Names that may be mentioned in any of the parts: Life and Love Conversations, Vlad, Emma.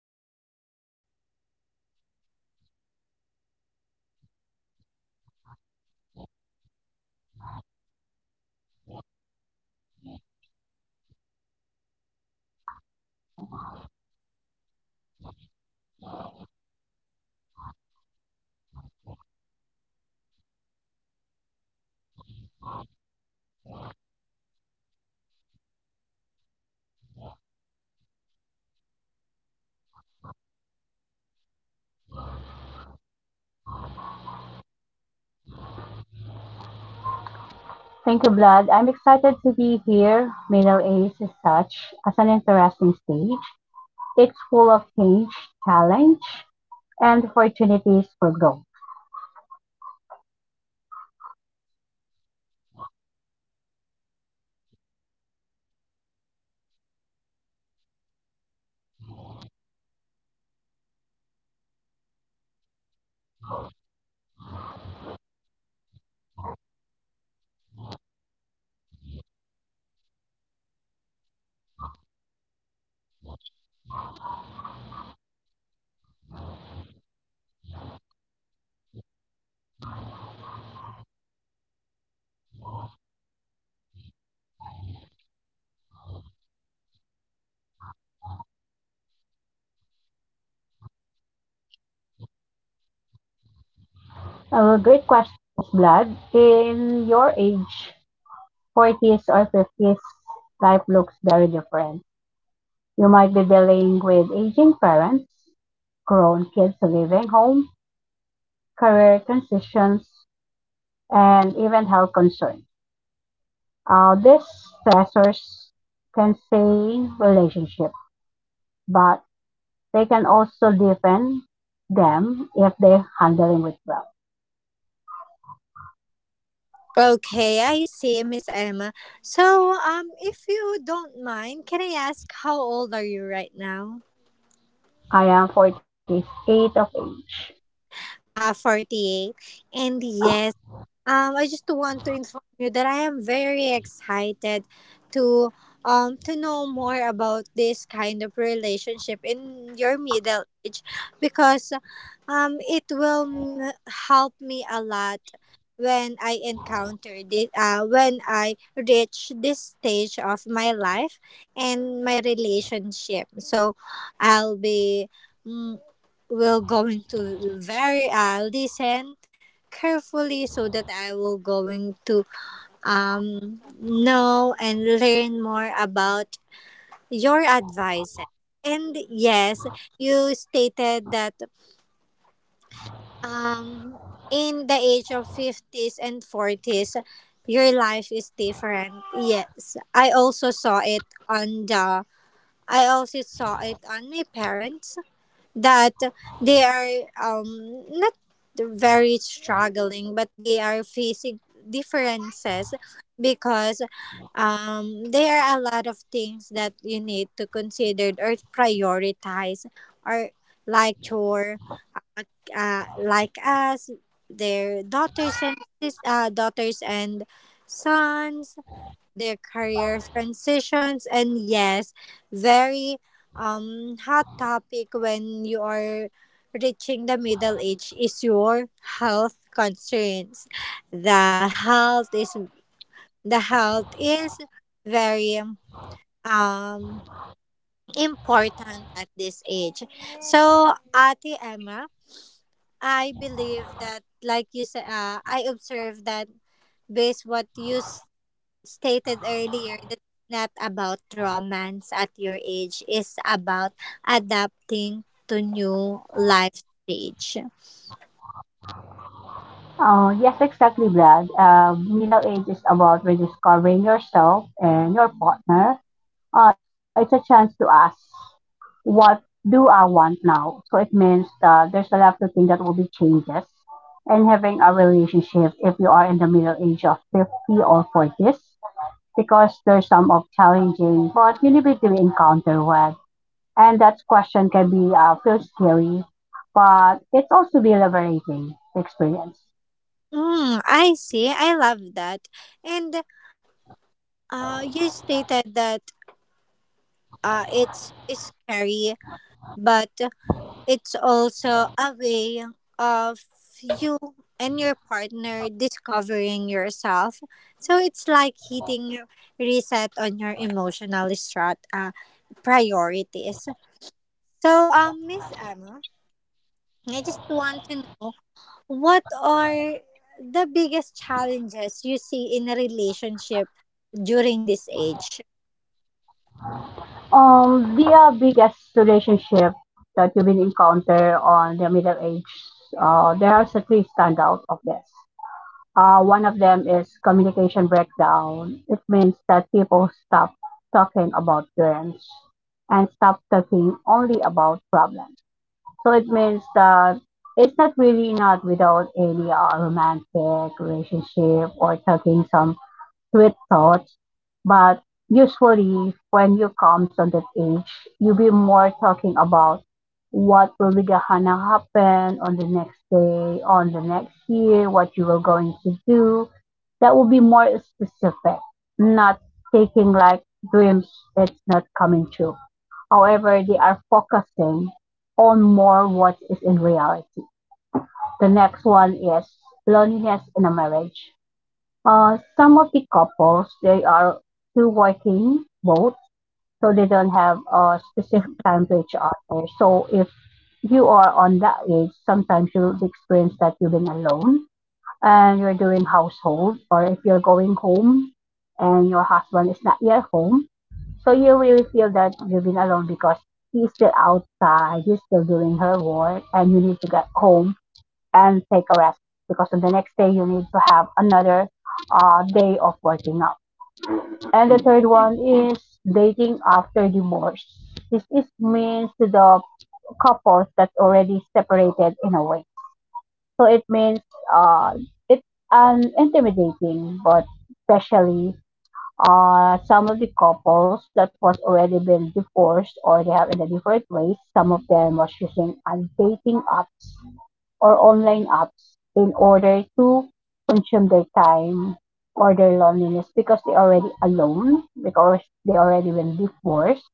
Love Conversations, the podcast where we explore relationships at every stage of life. I'm your host, Vlad, and today we are diving into a topic that touches so many of us, relationships in middle age. Joining me is Emma, a relationship coach who helped countless people navigate love, marriage, and dating after 40. Emma, welcome to our short podcast. Thank you, Vlad. I'm excited to be here. Middle East is such as an interesting stage. It's full of change, challenge, and opportunities for growth. Absolutely, Miss Emma. So now, our listeners, we are going to hear some tips, advices for the couples who are facing some challenges in their relationship and some changes due to their um, middle age. So let's get started. Miss Emma, do you why do why do relationship feel so different in middle age compared to our 20s and 30s? Great questions, Vlad. In your age, 40s or 50s, life looks very different. You might be dealing with aging parents, grown kids living home, career transitions, and even health concerns. These stressors can strain relationship, but they can also deepen them if they're handling with well. Okay, I see, Miss Emma. So, if you don't mind, can I ask how old are you right now? I am 48 of age. Ah, 48. And yes, I just want to inform you that I am very excited to to know more about this kind of relationship in your middle age because it will help me a lot when I encounter this when I reach this stage of my life and my relationship. So I'll be mm, will going to very listen carefully so that I will going to know and learn more about your advice. And yes, you stated that um in the age of 50s and 40s your life is different. Yes, on the I also saw it on my parents that they are not very struggling, but they are facing differences because there are a lot of things that you need to consider or prioritize, or like your like us, their daughters and daughters and sons, their careers transitions. And yes, very hot topic when you are reaching the middle age is your health concerns. the health is the health is very um important at this age. So Ate Emma, I believe that like you said, I observed that based what you stated earlier, that it's not about romance at your age, it's about adapting to new life stage. Yes, exactly, Vlad. Middle age is about rediscovering yourself and your partner, it's a chance to ask, what do I want now? So it means that there's a lot of things that will be changes in having a relationship if you are in the middle age of 50 or 40s because there's some of challenging but you need to encounter with. And that question can be, feel scary, but it's also be liberating experience. I see, I love that. And you stated that it's scary, but it's also a way of you and your partner discovering yourself. So it's like hitting reset on your emotional strat priorities. So, Miss Emma, I just want to know, what are the biggest challenges you see in a relationship during this age? The biggest relationship that you will encounter on the middle age, there are three standout of this. One of them is communication breakdown. It means that people stop talking about dreams and stop talking only about problems. So it means that it's not really not without any romantic relationship or talking some sweet thoughts, but usually when you come to that age, you be more talking about what will be gonna happen on the next day, on the next year, what you are going to do. That will be more specific, not taking like dreams it's not coming true. However, they are focusing on more what is in reality. The next one is loneliness in a marriage. Some of the couples they are two working both, so they don't have a specific time to each other. So if you are on that age, sometimes you'll experience that living alone and you're doing household, or if you're going home and your husband is not yet home, so you really feel that living alone because he's still outside, he's still doing her work, and you need to get home and take a rest because on the next day you need to have another day of working out. And the third one is dating after divorce. This is means to the couples that already separated in a way. So it means uh, it's an intimidating, but especially some of the couples that was already been divorced or they have in a different ways. Some of them was using dating apps or online apps in order to consume their time or their loneliness because they already alone, because they already been divorced.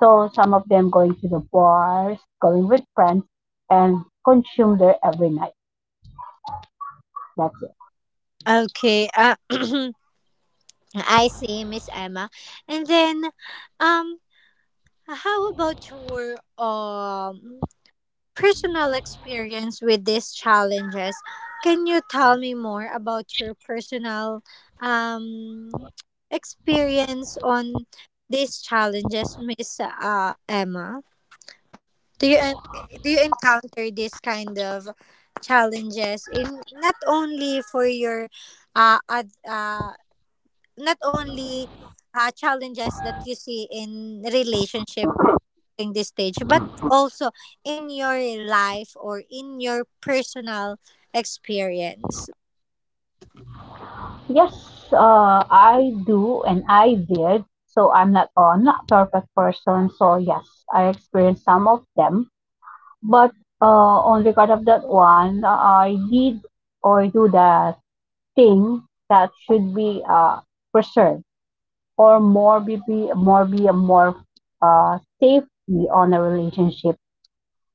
So some of them going to the bars, going with friends, and consume there every night. That's it. Okay, I see, Miss Emma. And then, um, how about your personal experience with these challenges. Can you tell me more about your personal, um, experience on these challenges, Miss Emma? Do you en- do you encounter this kind of challenges in, not only for your uh, ad, uh not only, challenges that you see in relationship during this stage, but also in your life or in your personal experience. Yes, I do and I did. So I'm not, not perfect person. So yes, I experienced some of them. But on regard of that one, I did or do the thing that should be preserved or more be, a more safety on a relationship.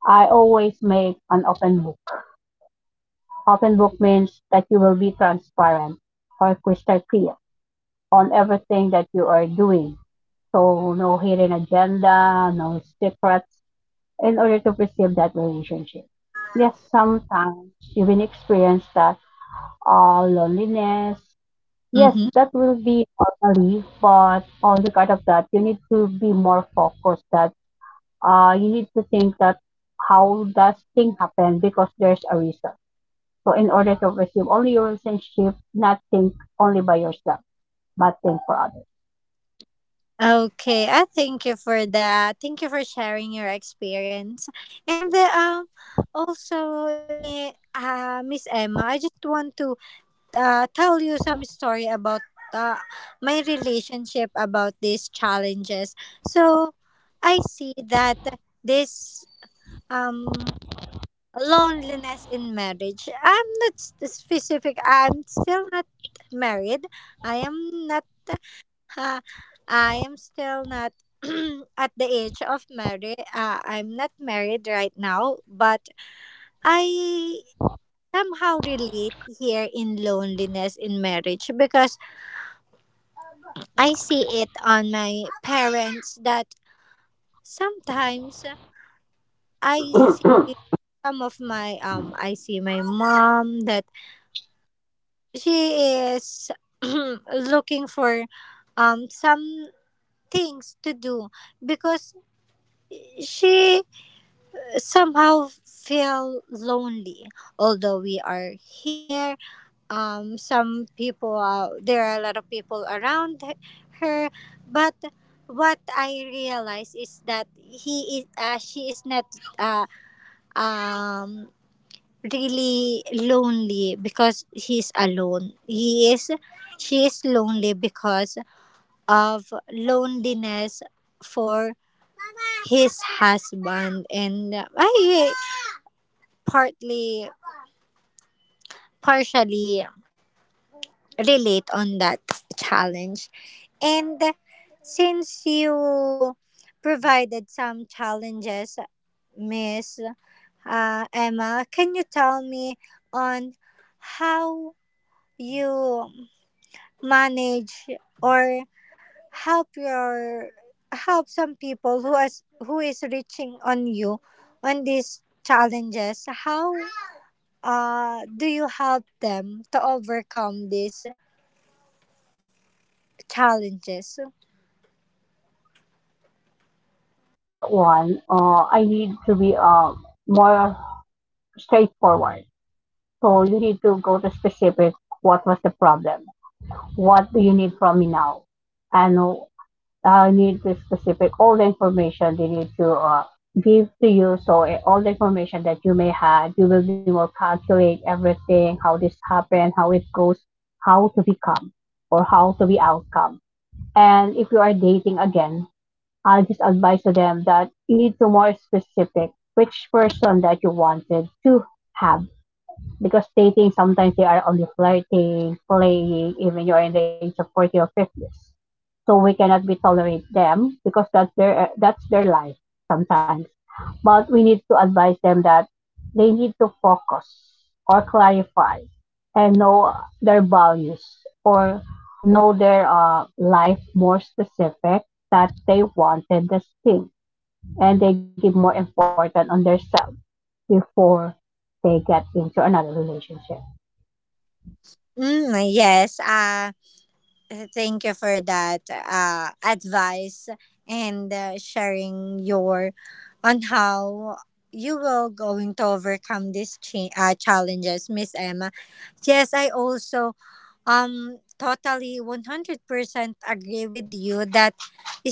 I always make an open book. Open book means that you will be transparent or crystal clear on everything that you are doing. So no hidden agenda, no secrets in order to preserve that relationship. Yes, sometimes you will experience that loneliness. Yes, Mm-hmm. that will be orderly, but on the side of that, you need to be more focused that you need to think that how does thing happen because there's a reason. So in order to receive only your relationship, not think only by yourself, but think for others. Okay, I thank you for that. Thank you for sharing your experience. And also, Miss Emma, I just want to tell you some story about uh, my relationship about these challenges. So, I see that this um loneliness in marriage, I'm not specific, I'm still not married. I am not uh, I am still not at the age of marriage. I'm not married right now, but I somehow relate here in loneliness in marriage because I see it on my parents that sometimes i see I see my mom that she is looking for some things to do because she somehow feel lonely, although we are here. There are a lot of people around her, but what I realize is that he is she is not uh, um really lonely because he's alone. He is She is lonely because of loneliness for his husband, and I partly partially relate on that challenge. And since you provided some challenges, Miss Emma, can you tell me on how you manage or help your help some people who is reaching on you on these challenges, how do you help them to overcome these challenges? Mm, on regard of that one, I need to be more straightforward. So you need to go to specific. What was the problem? What do you need from me now? And need the specific all the information they need to give to you. So all the information that you may have, you will be more calculate everything, how this happened, how it goes, how to become or how to be outcome. And if you are dating again, I'll just advise to them that you need to more specific which person that you wanted to have because dating sometimes they are only flirting, playing, even you're in the age of 40 or 50s. So we cannot be tolerate them because that's their life sometimes. But we need to advise them that they need to focus or clarify and know their values or know their life more specific that they wanted this thing and they give more importance on themselves before they get into another relationship. Yes, thank you for that advice and sharing your, on how you will going to overcome these challenges, Miss Emma. Yes, I also totally 100% agree with you that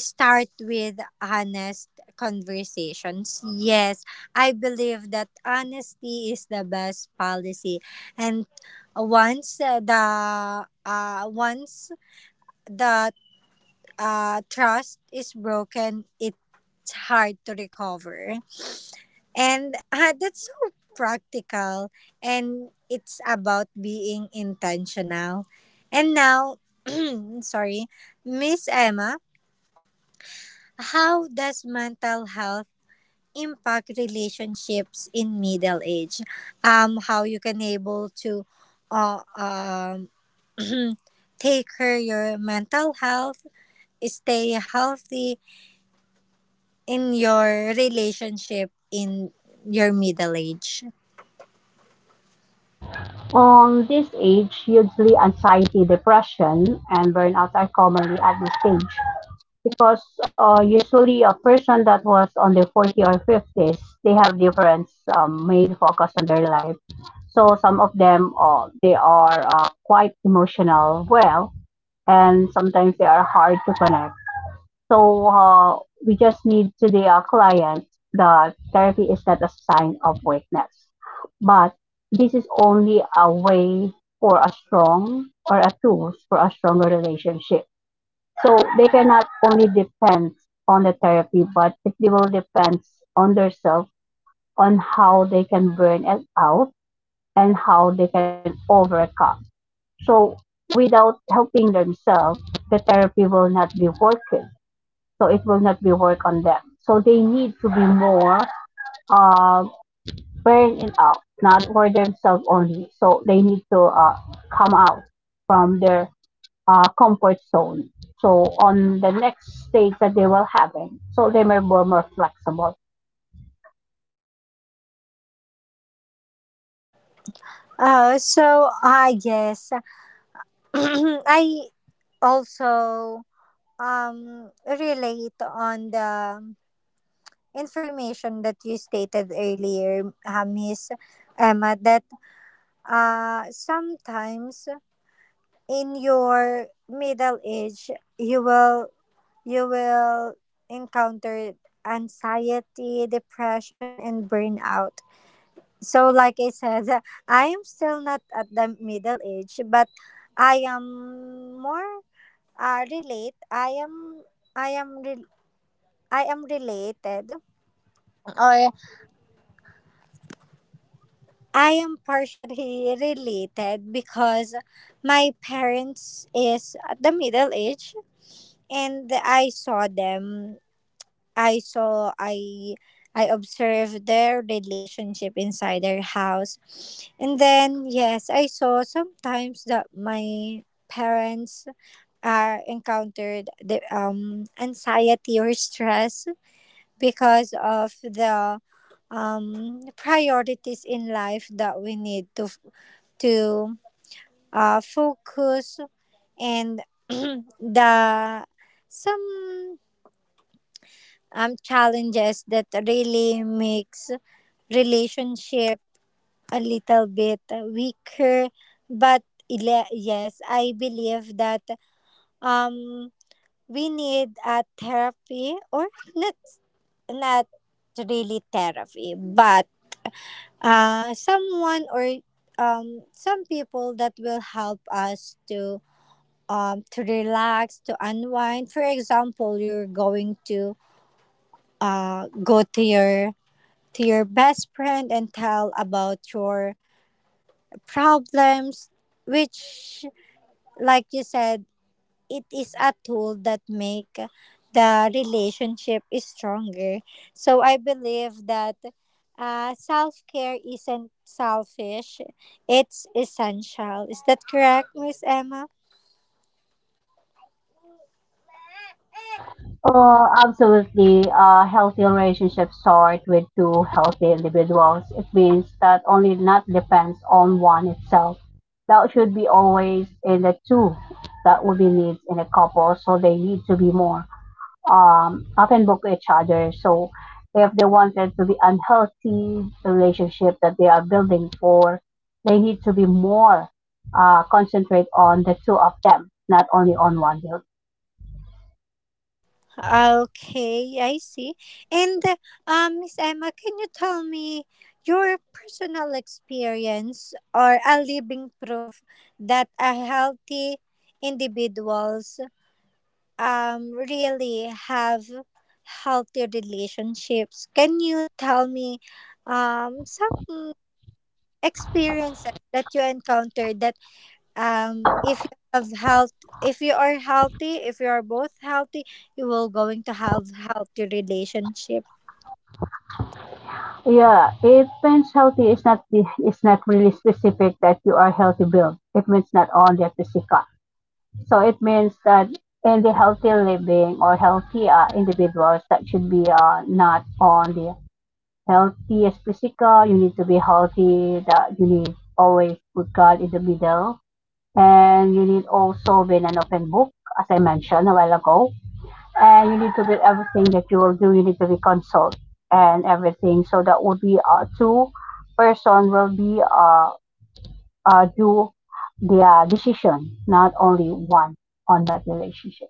start with honest conversations. Yes, I believe that honesty is the best policy. And once uh, the once that trust is broken, it's hard to recover. And that's so practical. And it's about being intentional. And now, sorry, Miss Emma, how does mental health impact relationships in middle age? How you can able to uh, um, take care your mental health, stay healthy, in your relationship in your middle age? On this age usually anxiety, depression and burnout are commonly at this stage because usually a person that was on their 40 or 50s, they have different main focus on their life. So some of them, they are quite emotional, well, and sometimes they are hard to connect. So we just need to the client that therapy is not a sign of weakness, but this is only a way for a strong or a tools for a stronger relationship. So they cannot only depend on the therapy, but it will depend on themselves on how they can burn it out and how they can overcome. So without helping themselves, the therapy will not be working. So it will not be work on them. So they need to be more uh, bearing it out, not for themselves only. So they need to come out from their comfort zone. So on the next stage that they will having, so they may be more flexible. Oh, so yes, I also relate on the information that you stated earlier, Miss Emma. That sometimes in your middle age you will you will encounter anxiety, depression, and burnout. So, like I said, I am still not at the middle age, but I am more relate. I am, re- I am related, or I am partially related because my parents is at the middle age, and I saw them I saw I observed their relationship inside their house. And then yes, I saw sometimes that my parents are encountered the anxiety or stress because of the priorities in life that we need to focus, and the some challenges that really makes relationship a little bit weaker. But yes, I believe that um we need a therapy, or not, not really therapy, but someone or some people that will help us to relax, to unwind. For example, you're going to go to your, to your best friend and tell about your problems, which like you said, it is a tool that make the relationship is stronger. So I believe that self-care isn't selfish, it's essential. Is that correct, Miss Emma? Oh, absolutely. Healthy relationships start with two healthy individuals. It means that only not depends on one itself. That should be always in the two that would be needs in a couple. So they need to be more often book to each other. So if they wanted to be unhealthy relationship that they are building for, they need to be more concentrate on the two of them, not only on one. Okay, I see. And Miss Emma, can you tell me your personal experience or a living proof that a healthy individuals really have healthy relationships. Can you tell me some experiences that you encountered, that if you have health, if you are healthy, if you are both healthy, you will going to have healthy relationship. Yeah, it means healthy is not it's not really specific that you are healthy build. It means not only at physical. So it means that in the healthy living or healthy individuals that should be not only healthy as physical. You need to be healthy. That you need always put God in the middle, and you need also be an open book, as I mentioned a while ago, and you need to be everything that you will do you need to be consult and everything so that would be two-person will be do the decision not only one on that relationship,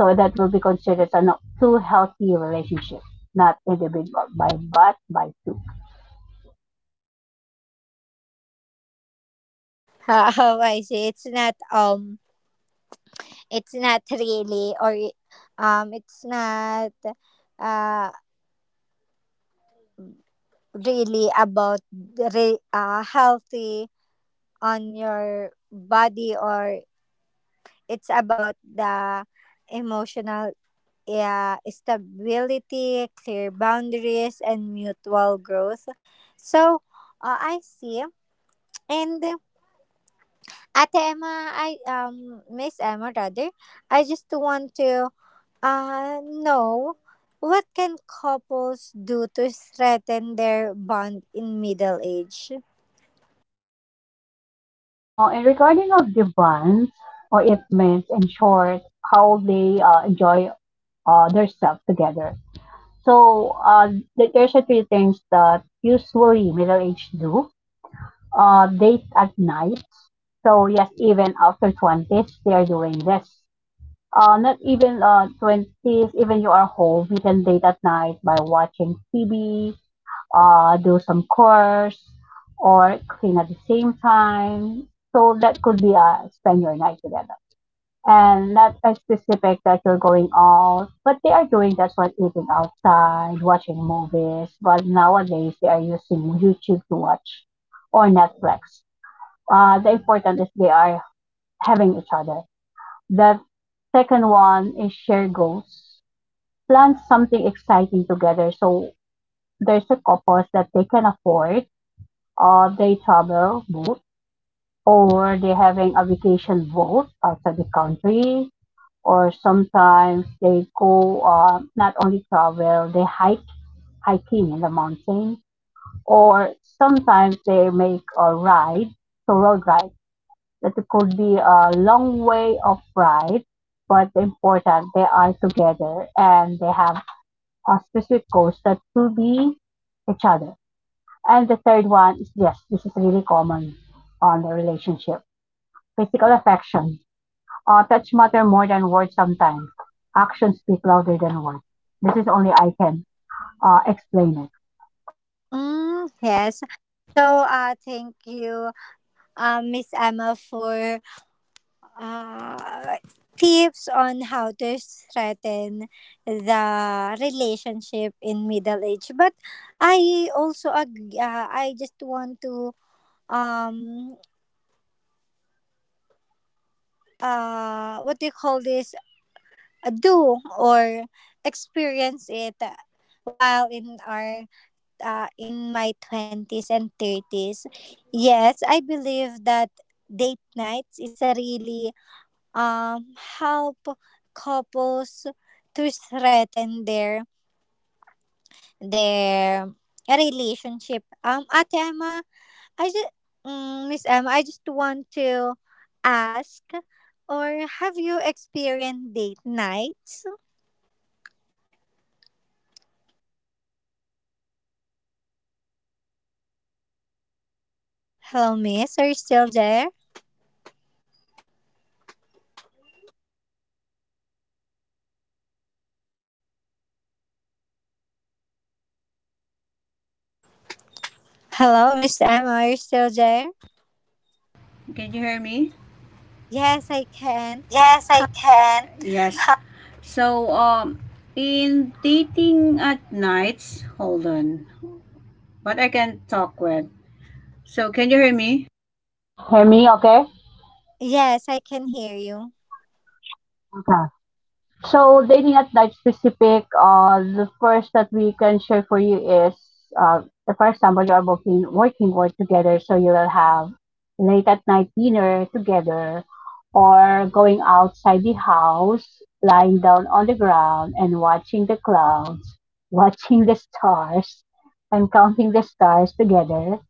so that will be considered a not two healthy relationship, not individual by but by two. How I say, it's not really, or it's not uh really about the healthy on your body, or it's about the emotional, stability, clear boundaries, and mutual growth. So I see. And Ate Emma, I Miss Emma rather, I just want to know, what can couples do to strengthen their bond in middle age. uh, and regarding of the bonds or it means in short how they enjoy their stuff together. So there's a three things that usually middle aged do. Date at night. So yes, even after 20s, they are doing this. Not even 20s, even you are home, you can date at night by watching TV, do some chores, or clean at the same time. So that could be spend your night together and not a specific that you're going out, but they are doing that's what eating outside, watching movies. But nowadays they are using YouTube to watch or Netflix. The important is they are having each other. The second one is share goals. Plan something exciting together. So there's a couples that they can afford, or they travel both, or they're having a vacation both outside the country or sometimes they go, not only travel, they hike hiking in the mountain, or sometimes they make a ride, so road ride. That could be a long way of ride, but important they are together and they have a specific goals that to be each other. And the third one is yes, this is really common on the relationship, physical affection. Touch matter more than words sometimes. Actions speak louder than words. This is only I can explain it. Mm, yes. So thank you, Miss Emma, for uh, tips on how to strengthen the relationship in middle age. But I just want to um what do you call this. Do or experience it, while in our in my 20s and 30s. Yes, I believe that date nights is a really um help couples to strengthen their relationship. At Emma, I just Miss Emma, I just want to ask, or have you experienced date nights? Hello Miss, are you still there? Hello Miss Emma, are you still there? Can you hear me? Yes, I can. Yes. So, in dating at nights, hold on, but I can talk with. So, can you hear me? Hear me, okay? Yes, I can hear you. Okay. So dating at night specific, the first that we can share for you is, uh, for example, you are work together, so you will have late at night dinner together, or going outside the house, lying down on the ground and watching the clouds, watching the stars, and counting the stars together,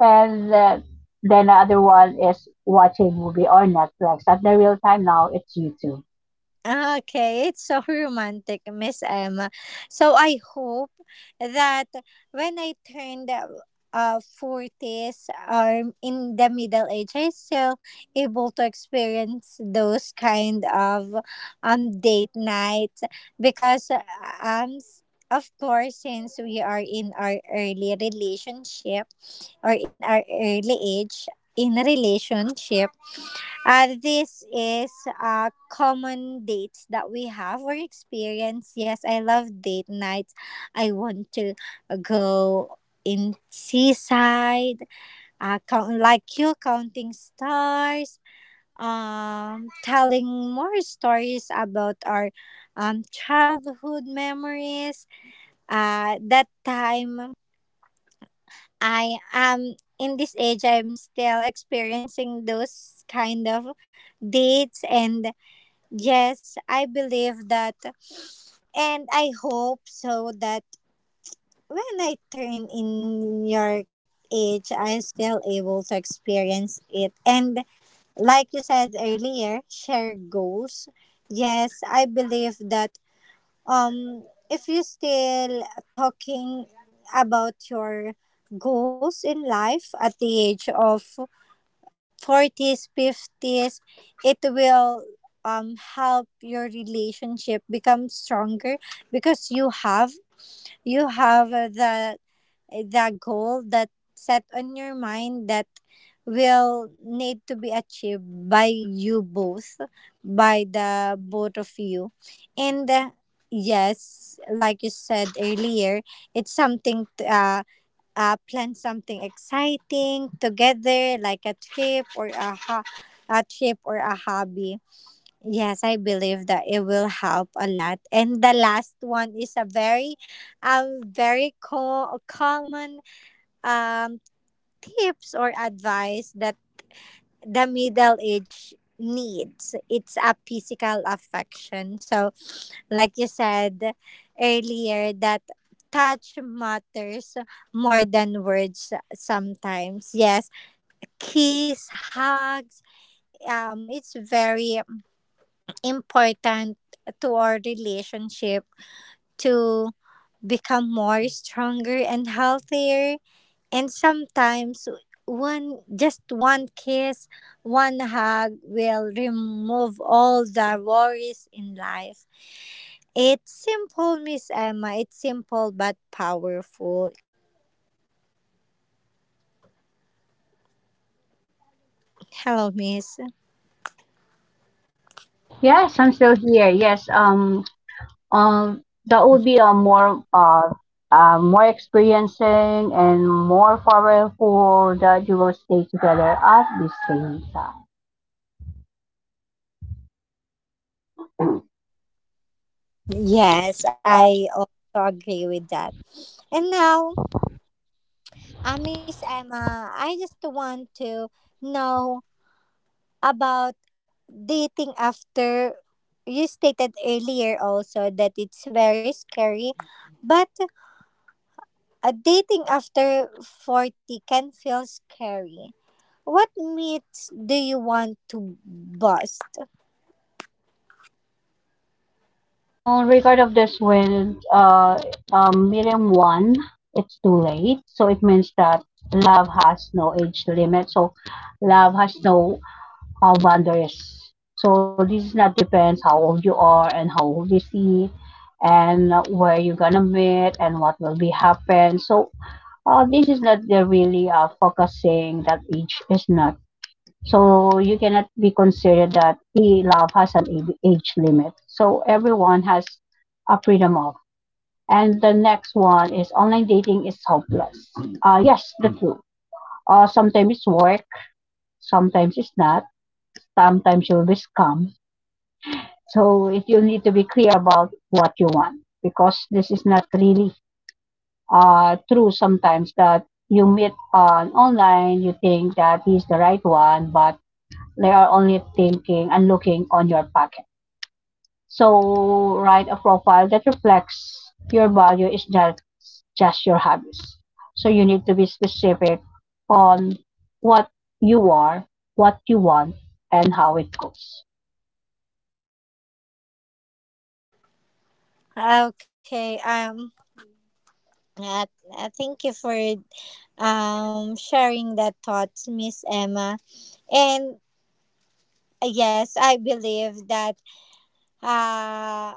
and then the other one is watching movie or Netflix. At the real time now, it's YouTube. Ah, okay, it's so romantic, Miss Emma. So I hope that when I turned forties or in the middle age, I still able to experience those kind of date nights, because um s- of course, since we are in our early relationship, or in our early age in relationship, this is common dates that we have or experience. Yes, I love date nights. I want to go in seaside, count, like you counting stars, telling more stories about our childhood memories. That time I am in this age, I'm still experiencing those kind of dates. And yes, I believe that. And I hope so that when I turn in your age, I'm still able to experience it. And like you said earlier, share goals. Yes, I believe that um if you're still talking about your goals in life at the age of 40s, 50s, it will help your relationship become stronger, because you have, the goal that set on your mind that will need to be achieved by you both, by the both of you. And yes, like you said earlier, it's something plan something exciting together, like a trip or a, a trip or a hobby. Yes, I believe that it will help a lot. And the last one is a very common um, tips or advice that the middle age needs. It's a physical affection. So like you said earlier that touch matters more than words sometimes, yes, kiss, hugs, it's very important to our relationship to become more stronger and healthier. And sometimes one just one kiss, one hug will remove all the worries in life. It's simple, Miss Emma. It's simple but powerful. Hello, Miss. Yes, I'm still here. Yes, that would be a more more experiencing and more powerful that you will stay together at the same time. Yes, I also agree with that. And now, Miss Emma, I just want to know about dating after you stated earlier also that it's very scary, but dating after 40 can feel scary. What myths do you want to bust? On regard of this when meeting one, it's too late. So it means that love has no age limit. So love has no how wander. So this is not depends how old you are and how old you see and where you're gonna meet and what will be happen. So this is not the really focusing that age is not. So you cannot be considered that love has age limit. So everyone has a freedom of. And the next one is online dating is hopeless. Yes, the true. Sometimes it's work, sometimes it's not. Sometimes you'll be scammed. So it, you need to be clear about what you want because this is not really true sometimes that you meet on online, you think that he's the right one, but they are only thinking and looking on your pocket. So write a profile that reflects your value is not just your hobbies. So you need to be specific on what you are, what you want, and how it goes. Okay. Uh, Thank you for sharing that thoughts, Miss Emma. And yes, I believe that uh,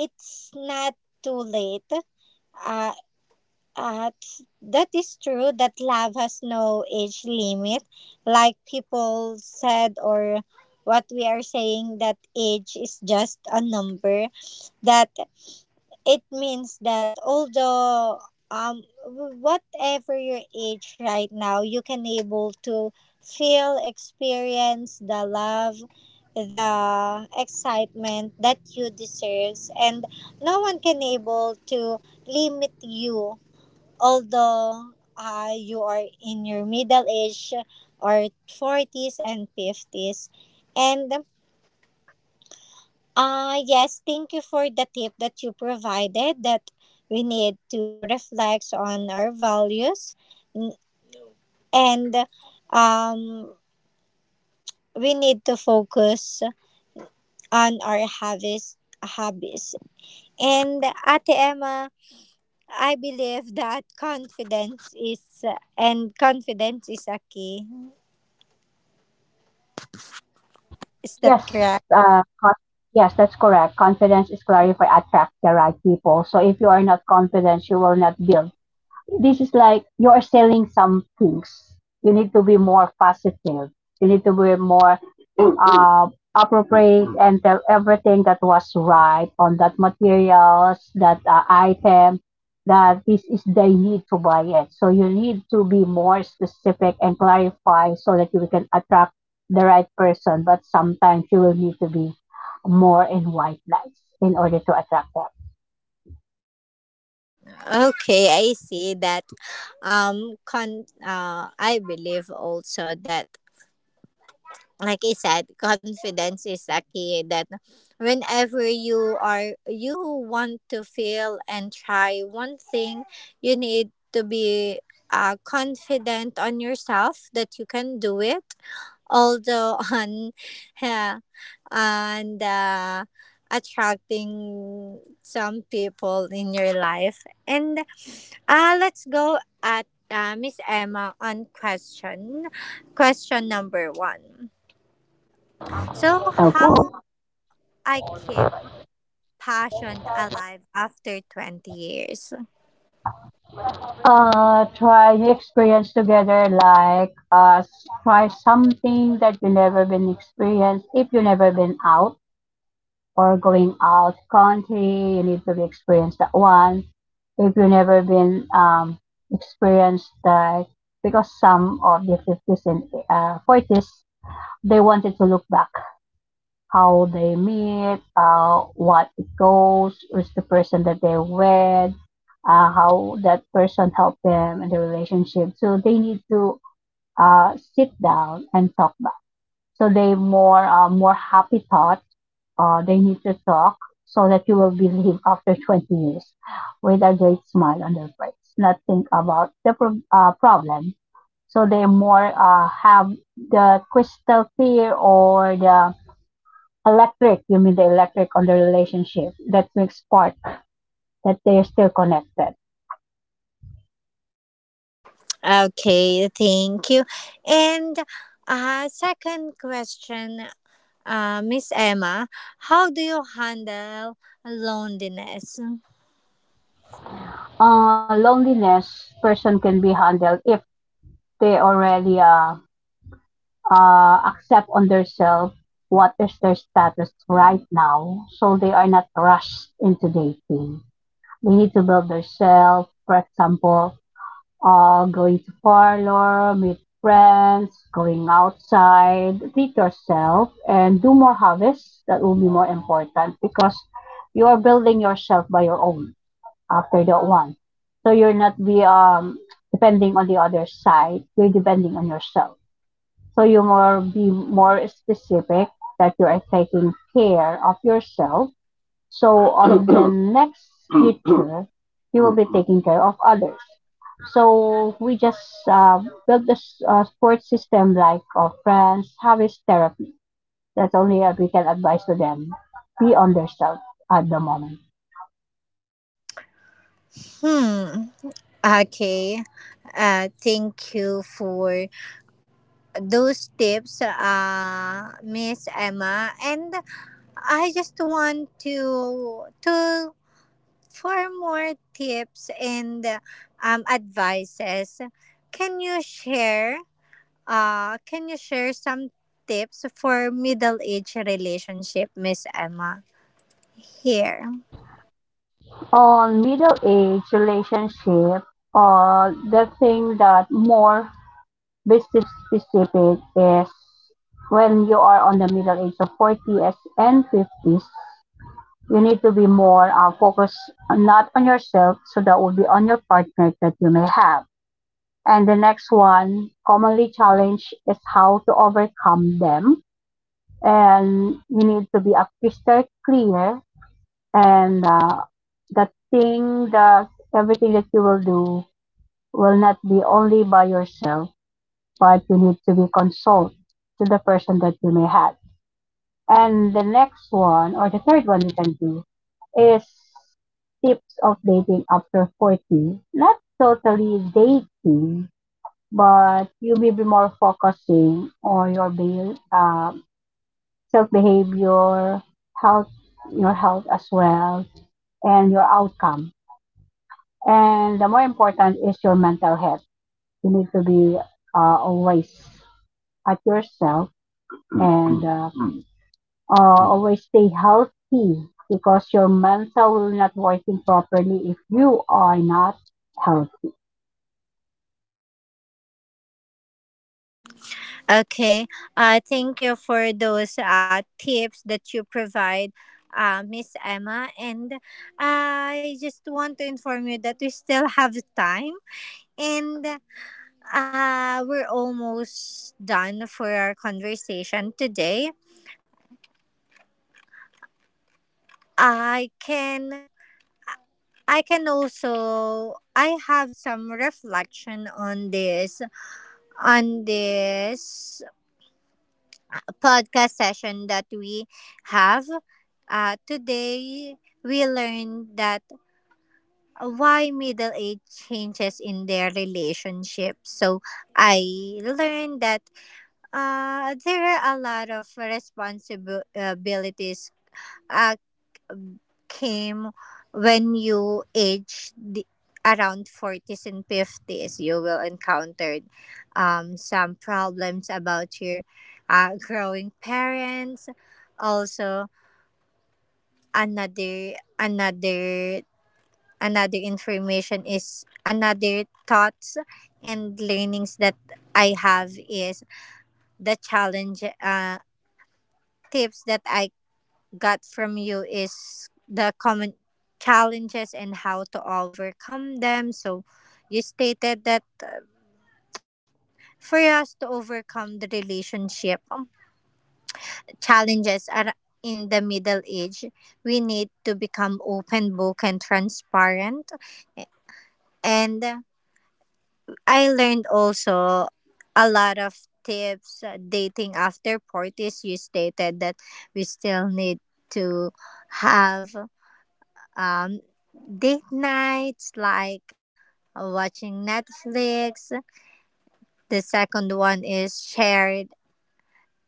it's not too late. Uh, that is true that love has no age limit. Like people said, or what we are saying, that age is just a number. That it means that although um whatever your age right now, you can able to feel experience the love, the excitement that you deserves, and no one can able to limit you, although you are in your middle age or 40s and 50s. And yes, thank you for the tip that you provided, that we need to reflect on our values n- and um, we need to focus on our habits, hobbies. And Ate Emma, I believe that confidence is a key. Is that Yes, correct? uh, con- yes, that's correct. Confidence is clarify, attract the right people. So if you are not confident, you will not build. This is like you're selling some things. You need to be more positive. You need to be more uh, appropriate and tell everything that was right on that materials, that item, that this is they need to buy it. So you need to be more specific and clarify so that you can attract the right person. But sometimes you will need to be more in white lights in order to attract that. Okay, I see that. I believe also that, like I said, confidence is a key, that whenever you want to feel and try one thing, you need to be confident on yourself that you can do it. Although on, yeah, and attracting some people in your life. And let's go at Miss Emma on question number one. So, how Okay. I keep passion alive after 20 years? Try new experience together like try something that you never been experienced. If you never been out or going out country, you need to be experienced that one. If you never been experienced that, because some of the 50s and 40s, they wanted to look back how they meet, what it goes, who's the person that they're with, how that person helped them in the relationship. So they need to sit down and talk back. So they more more happy thought. They need to talk so that you will believe after 20 years with a great smile on their face, not think about the problem. So they more have the crystal clear or the electric. You mean the electric on the relationship that makes part that they are still connected. Okay, thank you. And second question, Miss Emma, how do you handle loneliness? Loneliness person can be handled if they already accept on themselves what is their status right now, so they are not rushed into dating. They need to build themselves. For example, going to parlor, meet friends, going outside, treat yourself, and do more hobbies. That will be more important because you are building yourself by your own after that one. So you're not be depending on the other side. You're depending on yourself. So you more be more specific that you are taking care of yourself so on the next future, he will be taking care of others. So we just build this support system like our friends, have his therapy. That's only we can advise to them. Be on their self at the moment. Hmm. Okay. Thank you for those tips, Miss Emma. And I just want to For more tips and advices, can you share some tips for middle age relationship, Miss Emma? Here. On middle age relationship, the thing that more business specific is when you are on the middle age of 40s and 50s, you need to be more focused not on yourself, so that would be on your partner that you may have. And the next one commonly challenge is how to overcome them, and you need to be a crystal clear, and the thing that everything that you will do will not be only by yourself, but you need to be consult to the person that you may have. And the next one or the third one you can do is tips of dating after 40. Not totally dating, but you may be more focusing on your self behavior, health, your health as well, and your outcome. And the more important is your mental health. You need to be always at yourself and Uh, always stay healthy because your mental will not working properly if you are not healthy. Okay. Thank you for those tips that you provide. Miss Emma, and I just want to inform you that we still have time, and we're almost done for our conversation today. I can I can also I have some reflection on this podcast session that we have today. We learned that why middle age changes in their relationship. So I learned that there are a lot of responsibilities uh, came when you age the, around 40s and 50s, you will encounter some problems about your growing parents also. Another another another information is, another thoughts and learnings that I have is the challenge tips that I got from you is the common challenges and how to overcome them. So you stated that for us to overcome the relationship challenges are in the middle age, we need to become open book and transparent. And I learned also a lot of tips dating after parties. You stated that we still need to have um, date nights like watching Netflix. The second one is shared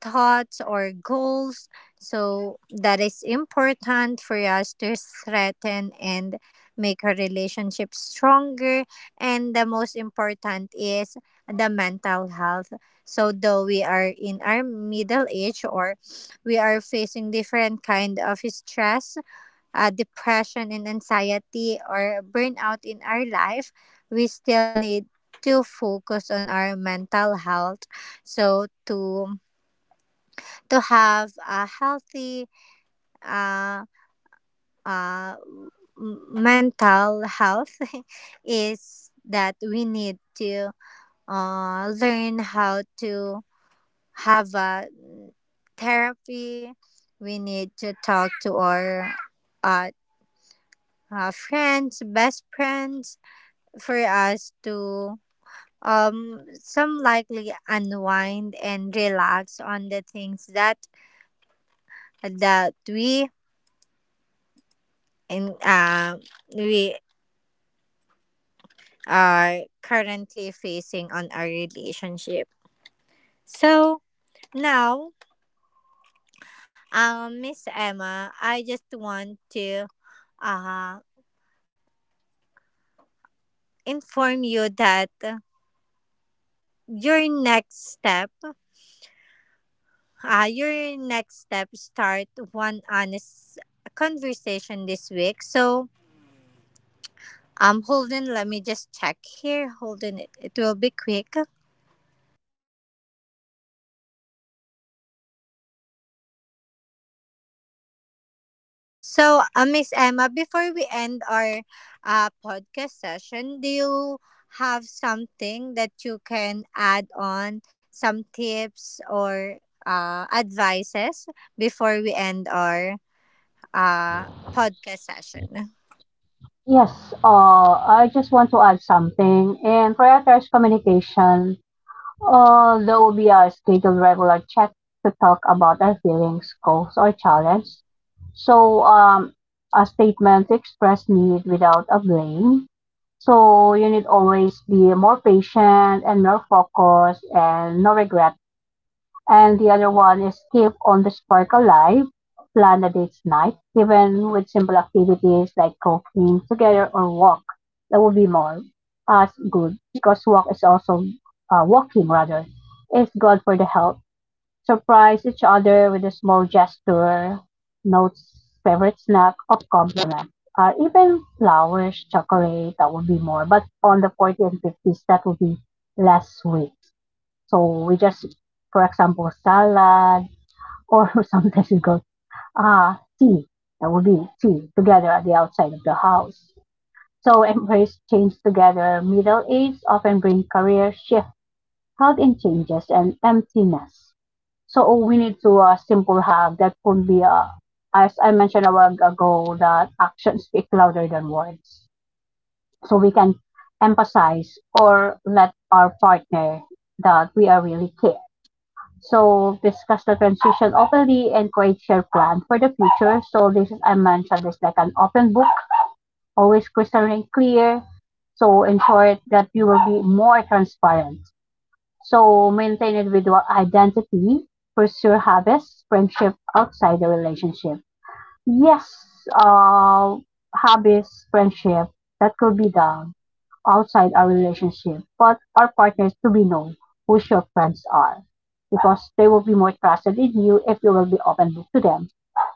thoughts or goals. So that is important for us to strengthen and make our relationship stronger. And the most important is the mental health. So though we are in our middle age or we are facing different kind of stress, depression and anxiety or burnout in our life, we still need to focus on our mental health. So to have a healthy uh, uh, mental health is that we need to learn how to have a therapy. We need to talk to our uh, friends, best friends, for us to some likely unwind and relax on the things that that we in uh, we are currently facing on our relationship. So now, Miss Emma, I just want to uh inform you that your next step your next step, start one honest conversation this week. So hold on, let me just check here. Hold it, it will be quick. So, Miss Emma, before we end our podcast session, do you have something that you can add on, some tips or advices before we end our uh, podcast session? Yes, I just want to add something. In prioritize communication, there will be a scheduled regular check to talk about our feelings, goals, or challenge. So, a statement to express need without a blame. So, you need always be more patient and more focused and no regret. And the other one is keep on the spark alive, plan a date night, even with simple activities like cooking together or walk. That would be more as good because walk is also walking rather. It's good for the health. Surprise each other with a small gesture, notes, favorite snack, or compliment. Even flowers, chocolate, that would be more. But on the 40 and 50s, that would be less sweet. So we just, for example, salad or sometimes we go, ah, tea. That would be tea together at the outside of the house. So embrace change together. Middle age often bring career shift, health and changes, and emptiness. So we need to a simple hug that could be a, as I mentioned a while ago, that actions speak louder than words. So we can emphasize or let our partner that we are really care. So discuss the transition openly and create shared plan for the future. So this is I mentioned is like an open book, always crystal and clear. So ensure that you will be more transparent. So maintain individual identity, pursue habits, friendship outside the relationship. Yes, uh, hobbies, friendship, that could be done outside our relationship, but our partners to be know who your friends are because they will be more trusted in you if you will be open to them.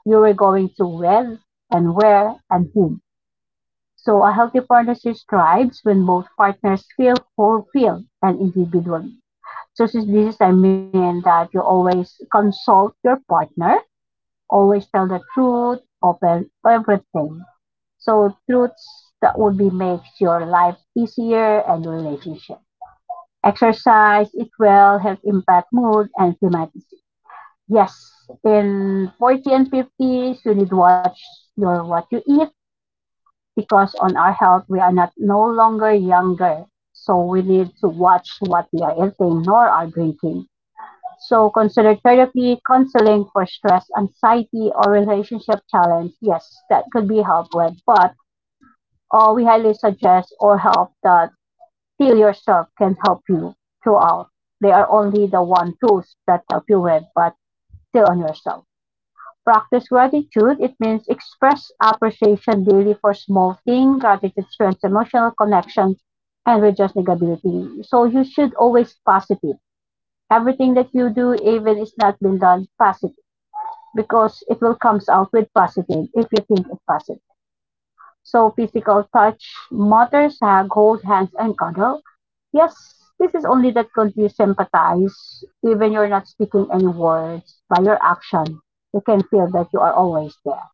You are going to with and where and whom. So a healthy partnership thrives when both partners feel fulfilled and individually. So since this is I mean that you always consult your partner. Always tell the truth about everything. So truths that would be makes your life easier and relationship. Exercise, eat well, help impact mood and thematicity. Yes, in 40 and 50s, you need watch your what you eat because on our health we are not no longer younger. So we need to watch what we are eating nor are drinking. So consider therapy, counseling for stress, anxiety, or relationship challenge. Yes, that could be helped with. But we highly suggest or help that feel yourself can help you throughout. They are only the one tools that help you with, but still on yourself. Practice gratitude. It means express appreciation daily for small things. Gratitude strengthens emotional connection and reduces negativity. So you should always positive. Everything that you do, even if it's not been done, positive because it will comes out with positive if you think it positive. So physical touch, matters, hug, hold hands, and cuddle. Yes, this is only that could you sympathize, even you're not speaking any words by your action. You can feel that you are always there.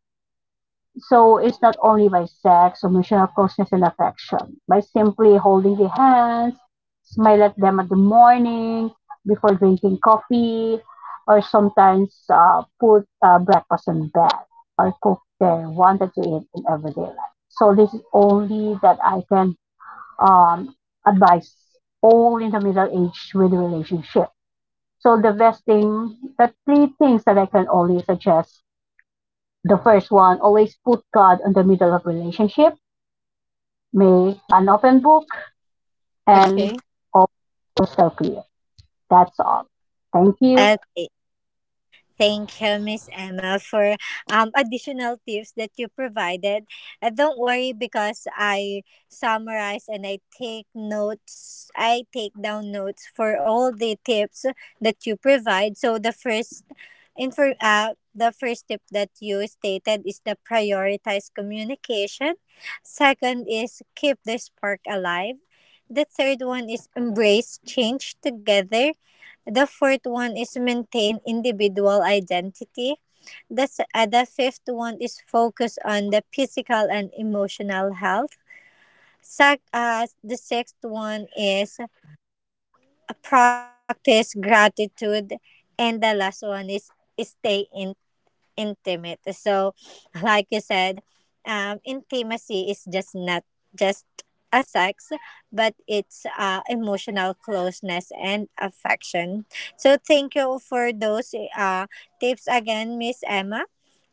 So it's not only by sex, emotional closeness, and affection. By simply holding the hands, smile at them at the morning before drinking coffee, or sometimes put breakfast in bed or cook their wanted to eat in everyday life. So this is only that I can um, advise all in the middle age with relationship. So the best thing, the three things that I can only suggest: the first one, always put God in the middle of relationship, make an open book, and Okay. all crystal clear. That's all. Thank you. Okay. Thank you, Miss Emma, for additional tips that you provided. Don't worry because I summarize and I take notes. I take down notes for all the tips that you provide. So the first tip that you stated is the prioritize communication. Second is keep the spark alive. The third one is embrace change together. The fourth one is maintain individual identity. The fifth one is focus on the physical and emotional health. The sixth one is practice gratitude. And the last one is stay in intimate. So, like you said, intimacy is just not just a sex, but it's emotional closeness and affection. So, thank you for those tips again, Miss Emma.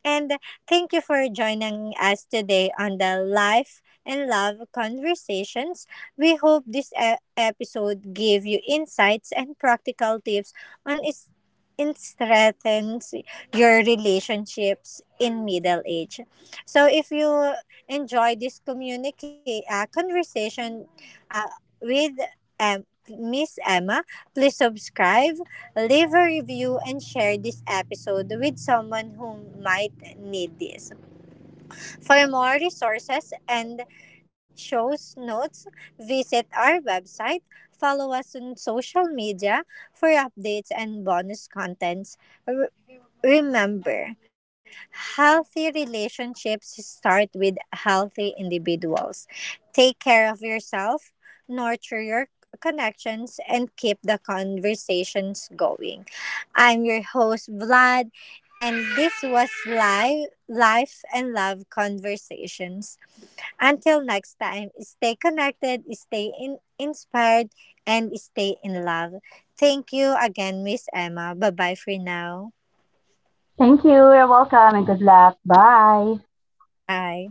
And thank you for joining us today on the Life and Love Conversations. We hope this episode gave you insights and practical tips on is- in strengthens your relationships in middle age. So if you enjoy this communicate conversation uh, with Miss Emma, please subscribe, leave a review, and share this episode with someone who might need this. For more resources and shows notes, visit our website. Follow us on social media for updates and bonus contents. Remember, healthy relationships start with healthy individuals. Take care of yourself, nurture your connections, and keep the conversations going. I'm your host, Vlad, and this was Live Life and Love Conversations. Until next time, stay connected, inspired, and stay in love. Thank you again, Miss Emma. Bye bye for now. Thank you. You're welcome and good luck. Bye. Bye.